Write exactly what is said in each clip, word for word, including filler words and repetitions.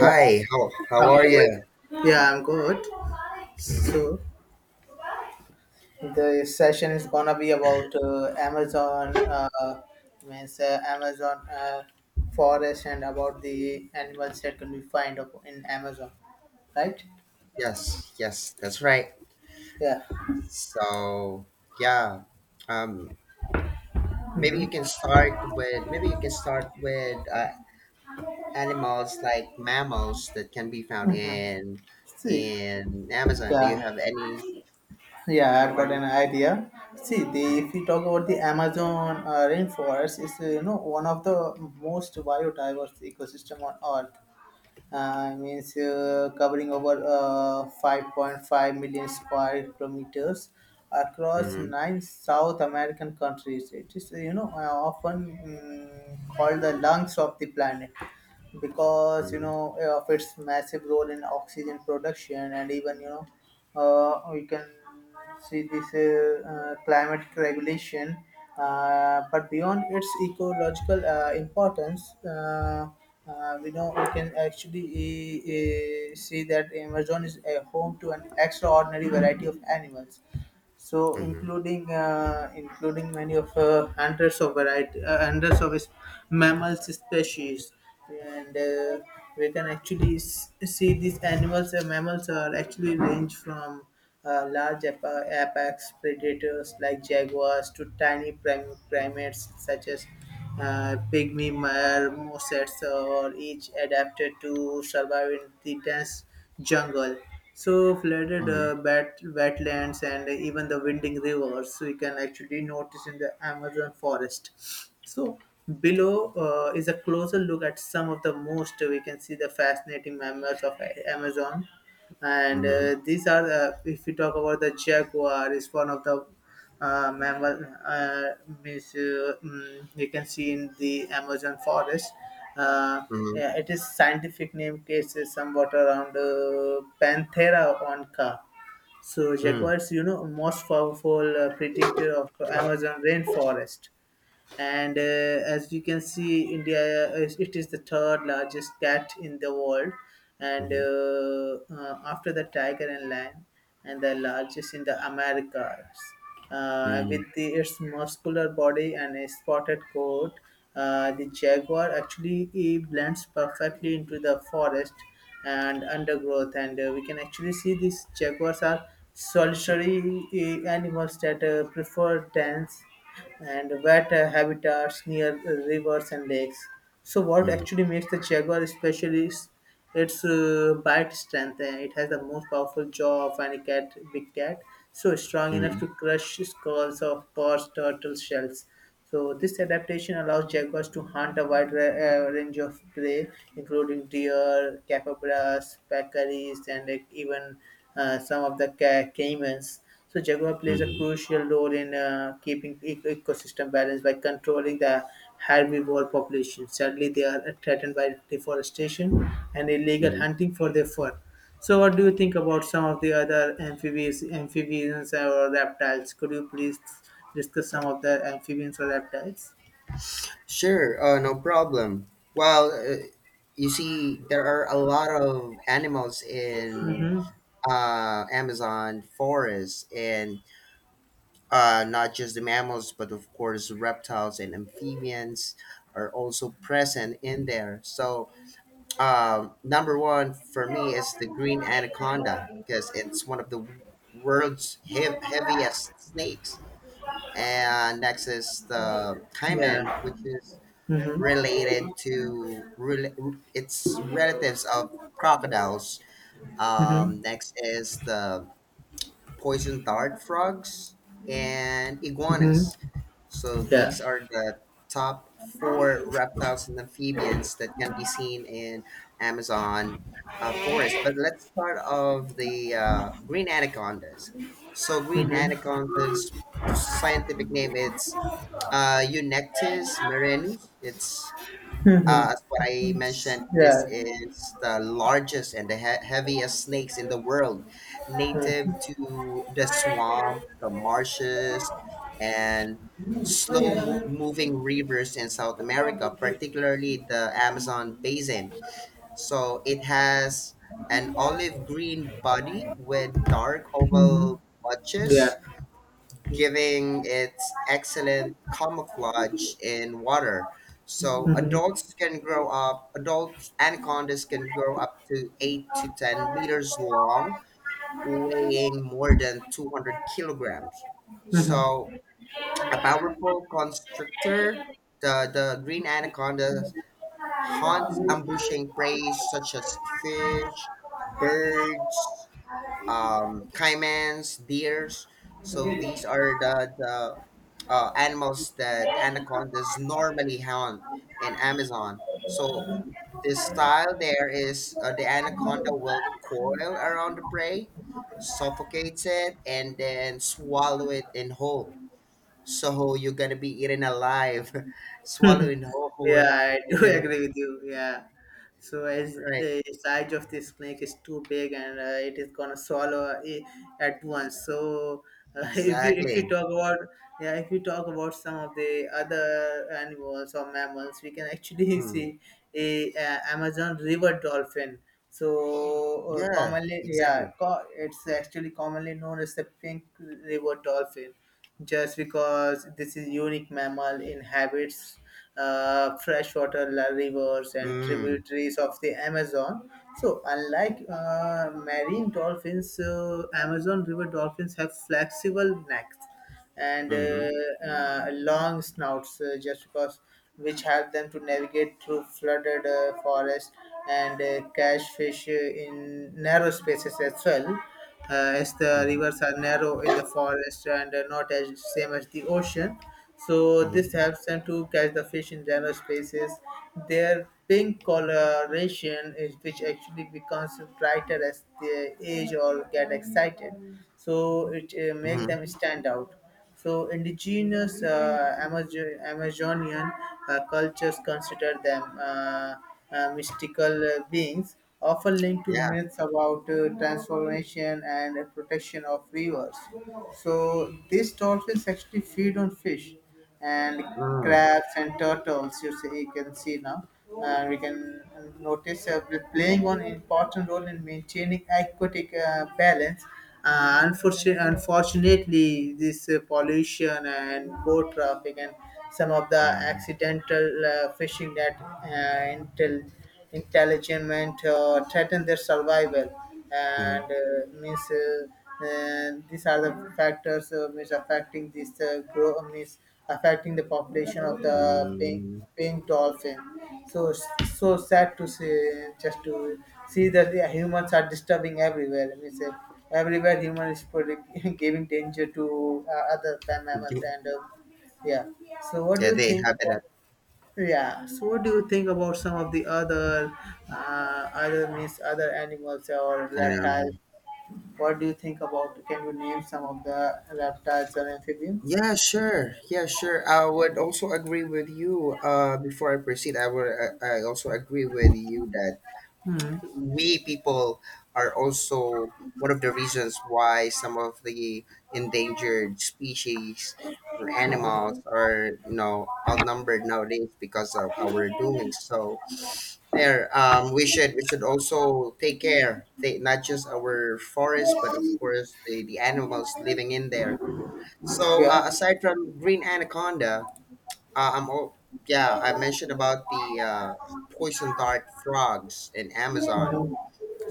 Yeah, how how of are you? course. yeah, I'm good. So the session is gonna be about uh, Amazon, uh, means uh, Amazon uh, forest and about the animals that can be found up in Amazon, right? Yes, yes, that's right. Yeah. So yeah, um, maybe you Mm-hmm. can start with maybe you can start with uh, animals like mammals that can be found Mm-hmm. in See, in Amazon. Do you yeah, have any? yeah, I've got Anyone? an idea. See, the if we talk about the Amazon uh, rainforest, it's uh, you know one of the most biodiverse ecosystem on Earth, uh, means uh, covering over uh, five point five million square kilometers across Mm-hmm, nine South American countries. It is, you know, uh, often mm, called the lungs of the planet, because you mm-hmm, know of its massive role in oxygen production, and even you know uh, we can see this uh, uh, climate regulation, uh, but beyond its ecological uh, importance, uh, uh, we know we can actually uh, uh, see that Amazon is a home to an extraordinary variety of animals, so mm-hmm, including uh, including many of uh, hundreds of variety uh, hundreds of mammals species. And uh, we can actually s- see these animals and mammals are actually range from uh, large ap- apex predators like jaguars to tiny prim- primates such as uh, pygmy marmosets, mosets or each adapted to survive in the dense jungle, so flooded uh, bat- wetlands, and even the winding rivers we can actually notice in the Amazon forest. So below uh, is a closer look at some of the most we can see the fascinating mammals of Amazon. And mm-hmm, uh, these are uh, if we talk about the jaguar is one of the uh, mammal uh, means, uh, mm, you can see in the Amazon forest. uh, mm-hmm, yeah, it is scientific name case is somewhat around uh, Panthera onca. So mm-hmm, jaguars, you know most powerful uh, predator of Amazon rainforest, and uh, as you can see, india is, it is the third largest cat in the world, and mm-hmm, uh, uh, after the tiger and lion, and the largest in the Americas, uh, mm-hmm, with the, its muscular body and a spotted coat. Uh, the jaguar actually he blends perfectly into the forest and undergrowth, and uh, we can actually see these jaguars are solitary uh, animals that uh, prefer dance and wet uh, habitats near uh, rivers and lakes. So, mm-hmm, what mm-hmm, mm-hmm, actually makes the jaguar special is its uh, bite strength. Uh, It has the most powerful jaw of any cat, big cat, so strong enough mm-hmm, to crush skulls of horse turtle shells. So this adaptation allows jaguars to hunt a wide ra- uh, range of prey, including deer, capybaras, peccaries, and like, even uh, some of the ca- caimans. So jaguar plays a mm-hmm, crucial role in uh, keeping ec- ecosystem balance by controlling the herbivore population. Sadly, they are threatened by deforestation and illegal mm-hmm. hunting for their fur. So, what do you think about some of the other amphibians, amphibians or reptiles? Could you please discuss some of the amphibians or reptiles? Sure, uh, no problem. Well, uh, you see, there are a lot of animals in Mm-hmm. uh, Amazon forest, and uh, not just the mammals, but of course, reptiles and amphibians are also present in there. So, um, number one for me is the green anaconda because it's one of the world's heav- heaviest snakes. And next is the caiman, Yeah. which is Mm-hmm. related to rela- it's relatives of crocodiles. Mm-hmm. Um, next is the poison dart frogs and iguanas. Mm-hmm. So Yeah. these are the top four reptiles and amphibians that can be seen in Amazon uh, forest. But let's start off the uh, green anacondas. So green Mm-hmm. anacondas, the scientific name it's uh, Eunectes marinus. It's uh, Mm-hmm. as what I mentioned, this Yeah. is the largest and the he- heaviest snakes in the world, native to the swamp, the marshes, and slow mo- moving rivers in South America, particularly the Amazon basin. So it has an olive green body with dark Mm-hmm. oval patches, Yeah. giving its excellent camouflage in water. So adults can grow up, adult anacondas can grow up to eight to ten meters long, weighing more than two hundred kilograms. Mhm. So a powerful constrictor, the, the green anaconda hunts ambushing prey such as fish, birds, um, caimans, deers. So these are the, the uh, animals that anacondas normally hound in Amazon. So this style there is uh, the anaconda will coil around the prey, suffocates it, and then swallow it in whole. So you're gonna be eaten alive, swallowing whole Yeah, I by do agree this. with you. Yeah. So as Right? the size of the snake is too big and uh, it is gonna swallow it at once. So uh, if you if you Exactly. talk about yeah if you talk about some of the other animals or mammals, we can actually Mm. see a, uh Amazon river dolphin. So uh, Yeah. commonly yeah, Exactly. co- it's actually commonly known as the pink river dolphin, just because this is unique mammal inhabits uh, freshwater la- rivers and Mm. tributaries of the Amazon. So unlike uh, marine dolphins, uh, Amazon river dolphins have flexible necks and Hmm. Mm-hmm. uh, uh, long snouts, uh, just because which help them to navigate through flooded uh, forests and uh, catch fish uh, in narrow spaces as well, uh, as the Mm-hmm. rivers are narrow in the forest and uh, not as same as the ocean. So Mhm. this helps them to catch the fish in general spaces. Their pink coloration is which actually becomes brighter as they age or get excited. So it uh, make them Mhm. stand out. So indigenous uh, Amazon- Amazonian uh, cultures consider them uh, uh, mystical uh, beings, often linked to Yeah. myths about uh, transformation and uh, protection of rivers. So these dolphins actually feed on fish and Mm. crabs and turtles. You see, you can see now. Uh, we can notice uh, playing an important role in maintaining aquatic uh, balance. Uh, unfortunately, unfortunately, this uh, pollution and boat traffic and some of the Mm. accidental uh, fishing that uh, intel intelligent uh, threaten their survival, Mm. and uh, means uh, uh, these are the factors uh, means affecting this uh, grow means affecting the population of the pink Mm. pink dolphin. So so sad to see, just to see that the humans are disturbing everywhere. Let me say everywhere human is putting, giving danger to uh, other mammals You- and uh, yeah. So what do Yeah, you they think? have it at. Yeah. So what do you think about some of the other uh, other means other animals or reptiles? Um, What do you think about? Can you name some of the reptiles or amphibians? yeah, sure. Yeah, sure. I would also agree with you. Uh, before I proceed, I would. I, I also agree with you that Hmm. we people are also one of the reasons why some of the endangered species or animals are you know outnumbered nowadays because of our doing so there. Um, we should we should also take care, take, not just our forest but of course the, the animals living in there. So Yeah. uh, aside from green anaconda, uh, i'm all, yeah, I mentioned about the uh, poison dart frogs in Amazon. Mhm.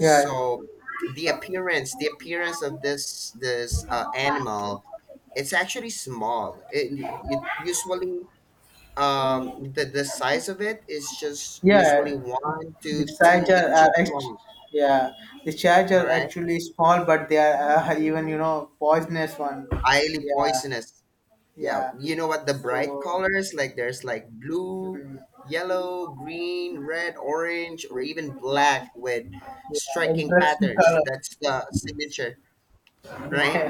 Yeah. the appearance the appearance of this this uh, animal, it's actually small, it, it usually, um the, the size of it is just usually Yeah. one The to two charger inches are act- long. yeah. The charger All are right, actually small, but they are uh, even you know poisonous one. highly Yeah. poisonous. Yeah, Yeah. you know what, the bright So colors, like there's like blue, Hmm. yellow, green, red, orange, or even black with striking Interesting patterns, colors. that's the signature. Right.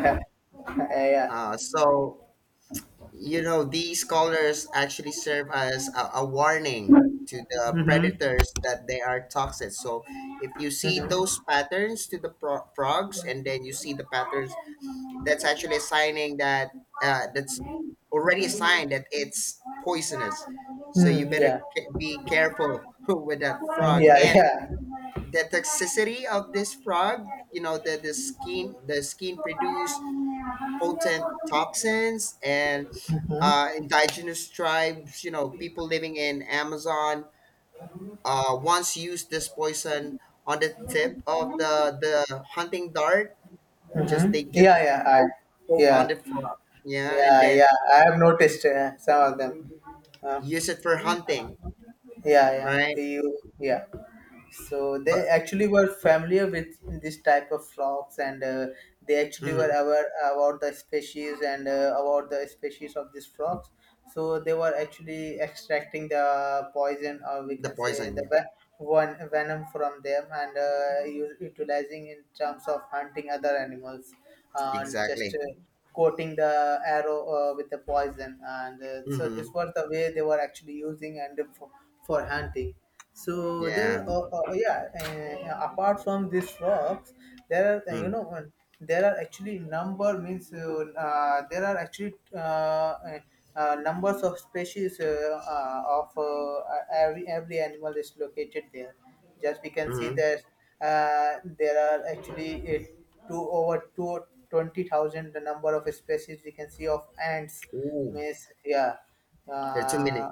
Yeah. Yeah. Uh so you know these colors actually serve as a, a warning to the Mm-hmm. predators that they are toxic. So if you see Yeah. those patterns to the pro- frogs, and then you see the patterns, that's actually a signing that uh, that's already a sign that it's poisonous. So you Mm-hmm. Hmm. better Yeah. ca- be careful with that Mm, frog. yeah. And Yeah. the toxicity of this frog, you know the, the skin the skin produce potent toxins. And Mm-hmm. uh, indigenous tribes, you know, people living in Amazon uh, once used this poison on the tip of the the hunting dart. Just Mm-hmm. they Yeah. just Yeah. I. poke, poke Yeah. on the frog, yeah, and Yeah, then yeah. I have noticed uh, some of them. Uh, use it for hunting, yeah, yeah. right? The you, yeah, so they But actually were familiar with this type of frogs, and uh, they actually were mhm, aware about the species, and uh, about the species of these frogs. So they were actually extracting the poison, or we the can say poison, the yeah. ve- one venom from them, and uh, u- utilizing in terms of hunting other animals, and just Exactly. uh, coating the arrow uh, with the poison, and uh, so this Hmm. was the way they were actually using, and for, for hunting. So Yeah. there, are- uh, uh, yeah. Uh, apart from these rocks, there are uh, you Mm-hmm. know uh, there are actually number means uh, uh, there are actually uh, uh, uh, numbers of species uh, uh, of uh, every every animal is located there. Just we can see Mm-hmm. that uh, there are actually uh, two over two twenty thousand, the number of species we can see of ants. Ooh, Means yeah there are too many, uh,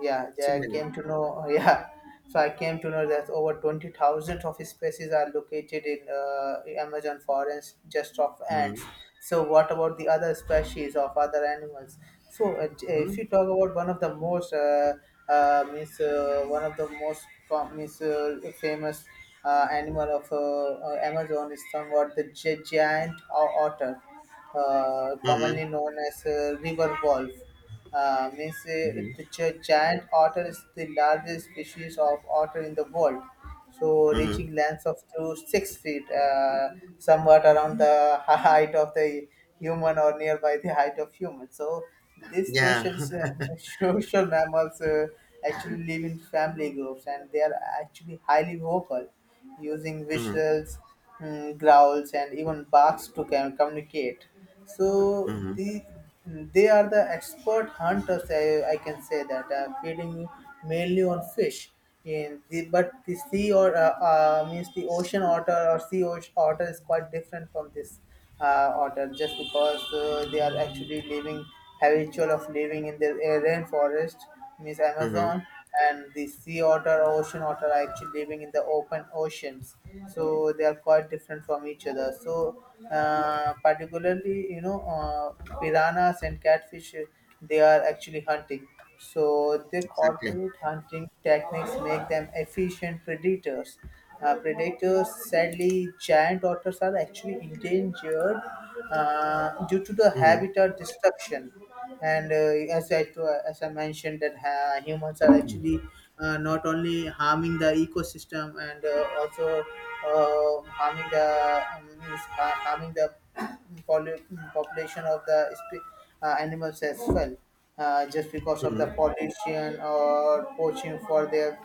yeah too I many. came to know yeah, so I came to know that over twenty thousand of species are located in uh, Amazon forest, just of ants. Mm-hmm. So what about the other species of other animals? So uh, j- if you Mm-hmm. talk about one of the most uh, uh, means uh, one of the most com- means, uh, famous uh, animal of uh, uh, Amazon is somewhat the gi- giant o- otter, uh, Mm-hmm. commonly known as uh, river wolf. Uh, means uh, Mm-hmm. The gi- giant otter is the largest species of otter in the world, so Mm-hmm. reaching lengths of through six feet, uh, somewhat around the height of the human, or nearby the height of human. So these Yeah. social social mammals uh, actually live in family groups, and they are actually highly vocal, using Mm-hmm. visuals, mm, growls, and even barks to com- communicate. So Mm-hmm. the Hmm, they are the expert hunters. I, I can say that uh, feeding mainly on fish. In the, but the sea, or uh, uh, means the ocean otter or sea ocean otter is quite different from this uh, otter, just because uh, they are actually living habitual of living in the uh, rainforest Miss Mm-hmm. Amazon, and the sea otter, ocean otter are actually living in the open oceans. So they are quite different from each other. So uh, particularly, you know, uh, piranhas and catfish, uh, they are actually hunting. So their Exactly. corporate hunting techniques make them efficient predators. Uh, predators, sadly, giant otters are actually endangered uh, due to the Mm-hmm. habitat destruction, and uh, as I to, as I mentioned that uh, humans are actually uh, not only harming the ecosystem, and uh, also uh, harming the um, means, uh, harming the poly- population of the spe- uh, animals as well, uh, just because of Mm-hmm. the pollution or poaching for their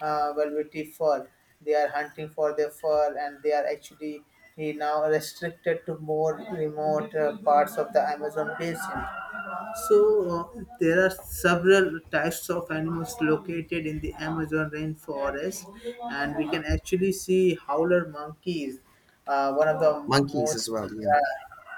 uh, velvety fur. They are hunting for their fur, and they are actually eh, now restricted to more remote uh, parts of the Amazon basin. So uh, there are several types of animals located in the Amazon rainforest, and we can actually see howler monkeys, uh, one of the Monkeys most as well. Yeah. uh,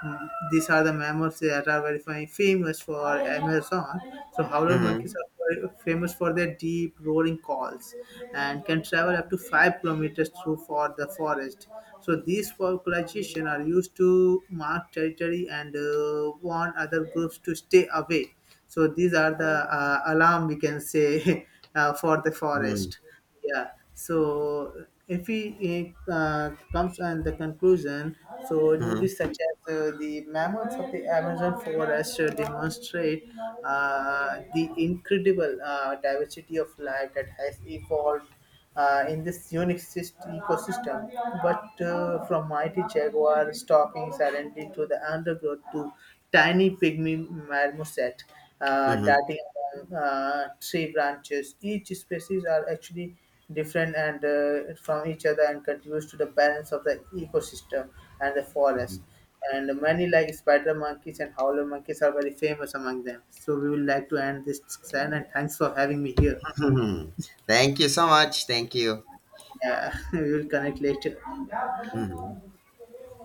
Mm, these are the mammals that are very fa- famous for Amazon. So howler Mm-hmm. monkeys are very famous for their deep roaring calls, and can travel up to five kilometers through for the forest. So these vocalization are used to mark territory and uh, warn other groups to stay away. So these are the uh, alarm, we can say, uh, for the Mm-hmm. forest. Yeah, so if we uh, comes on the conclusion, so Mm-hmm. duties such as uh, the mammals of the Amazon forest uh, demonstrate uh, the incredible uh, diversity of life that has evolved uh, in this unique syst- ecosystem. But uh, from mighty jaguar stalking silently to the undergrowth to tiny pygmy marmoset uh, Mm-hmm. darting among uh, tree branches, each species are actually different and uh, from each other, and contributes to the balance of the ecosystem and the forest. And many like spider monkeys and howler monkeys are very famous among them. So we would like to end this discussion, and thanks for having me here. Mm-hmm. Thank you so much. Thank you. Yeah, we will connect later. Mhm.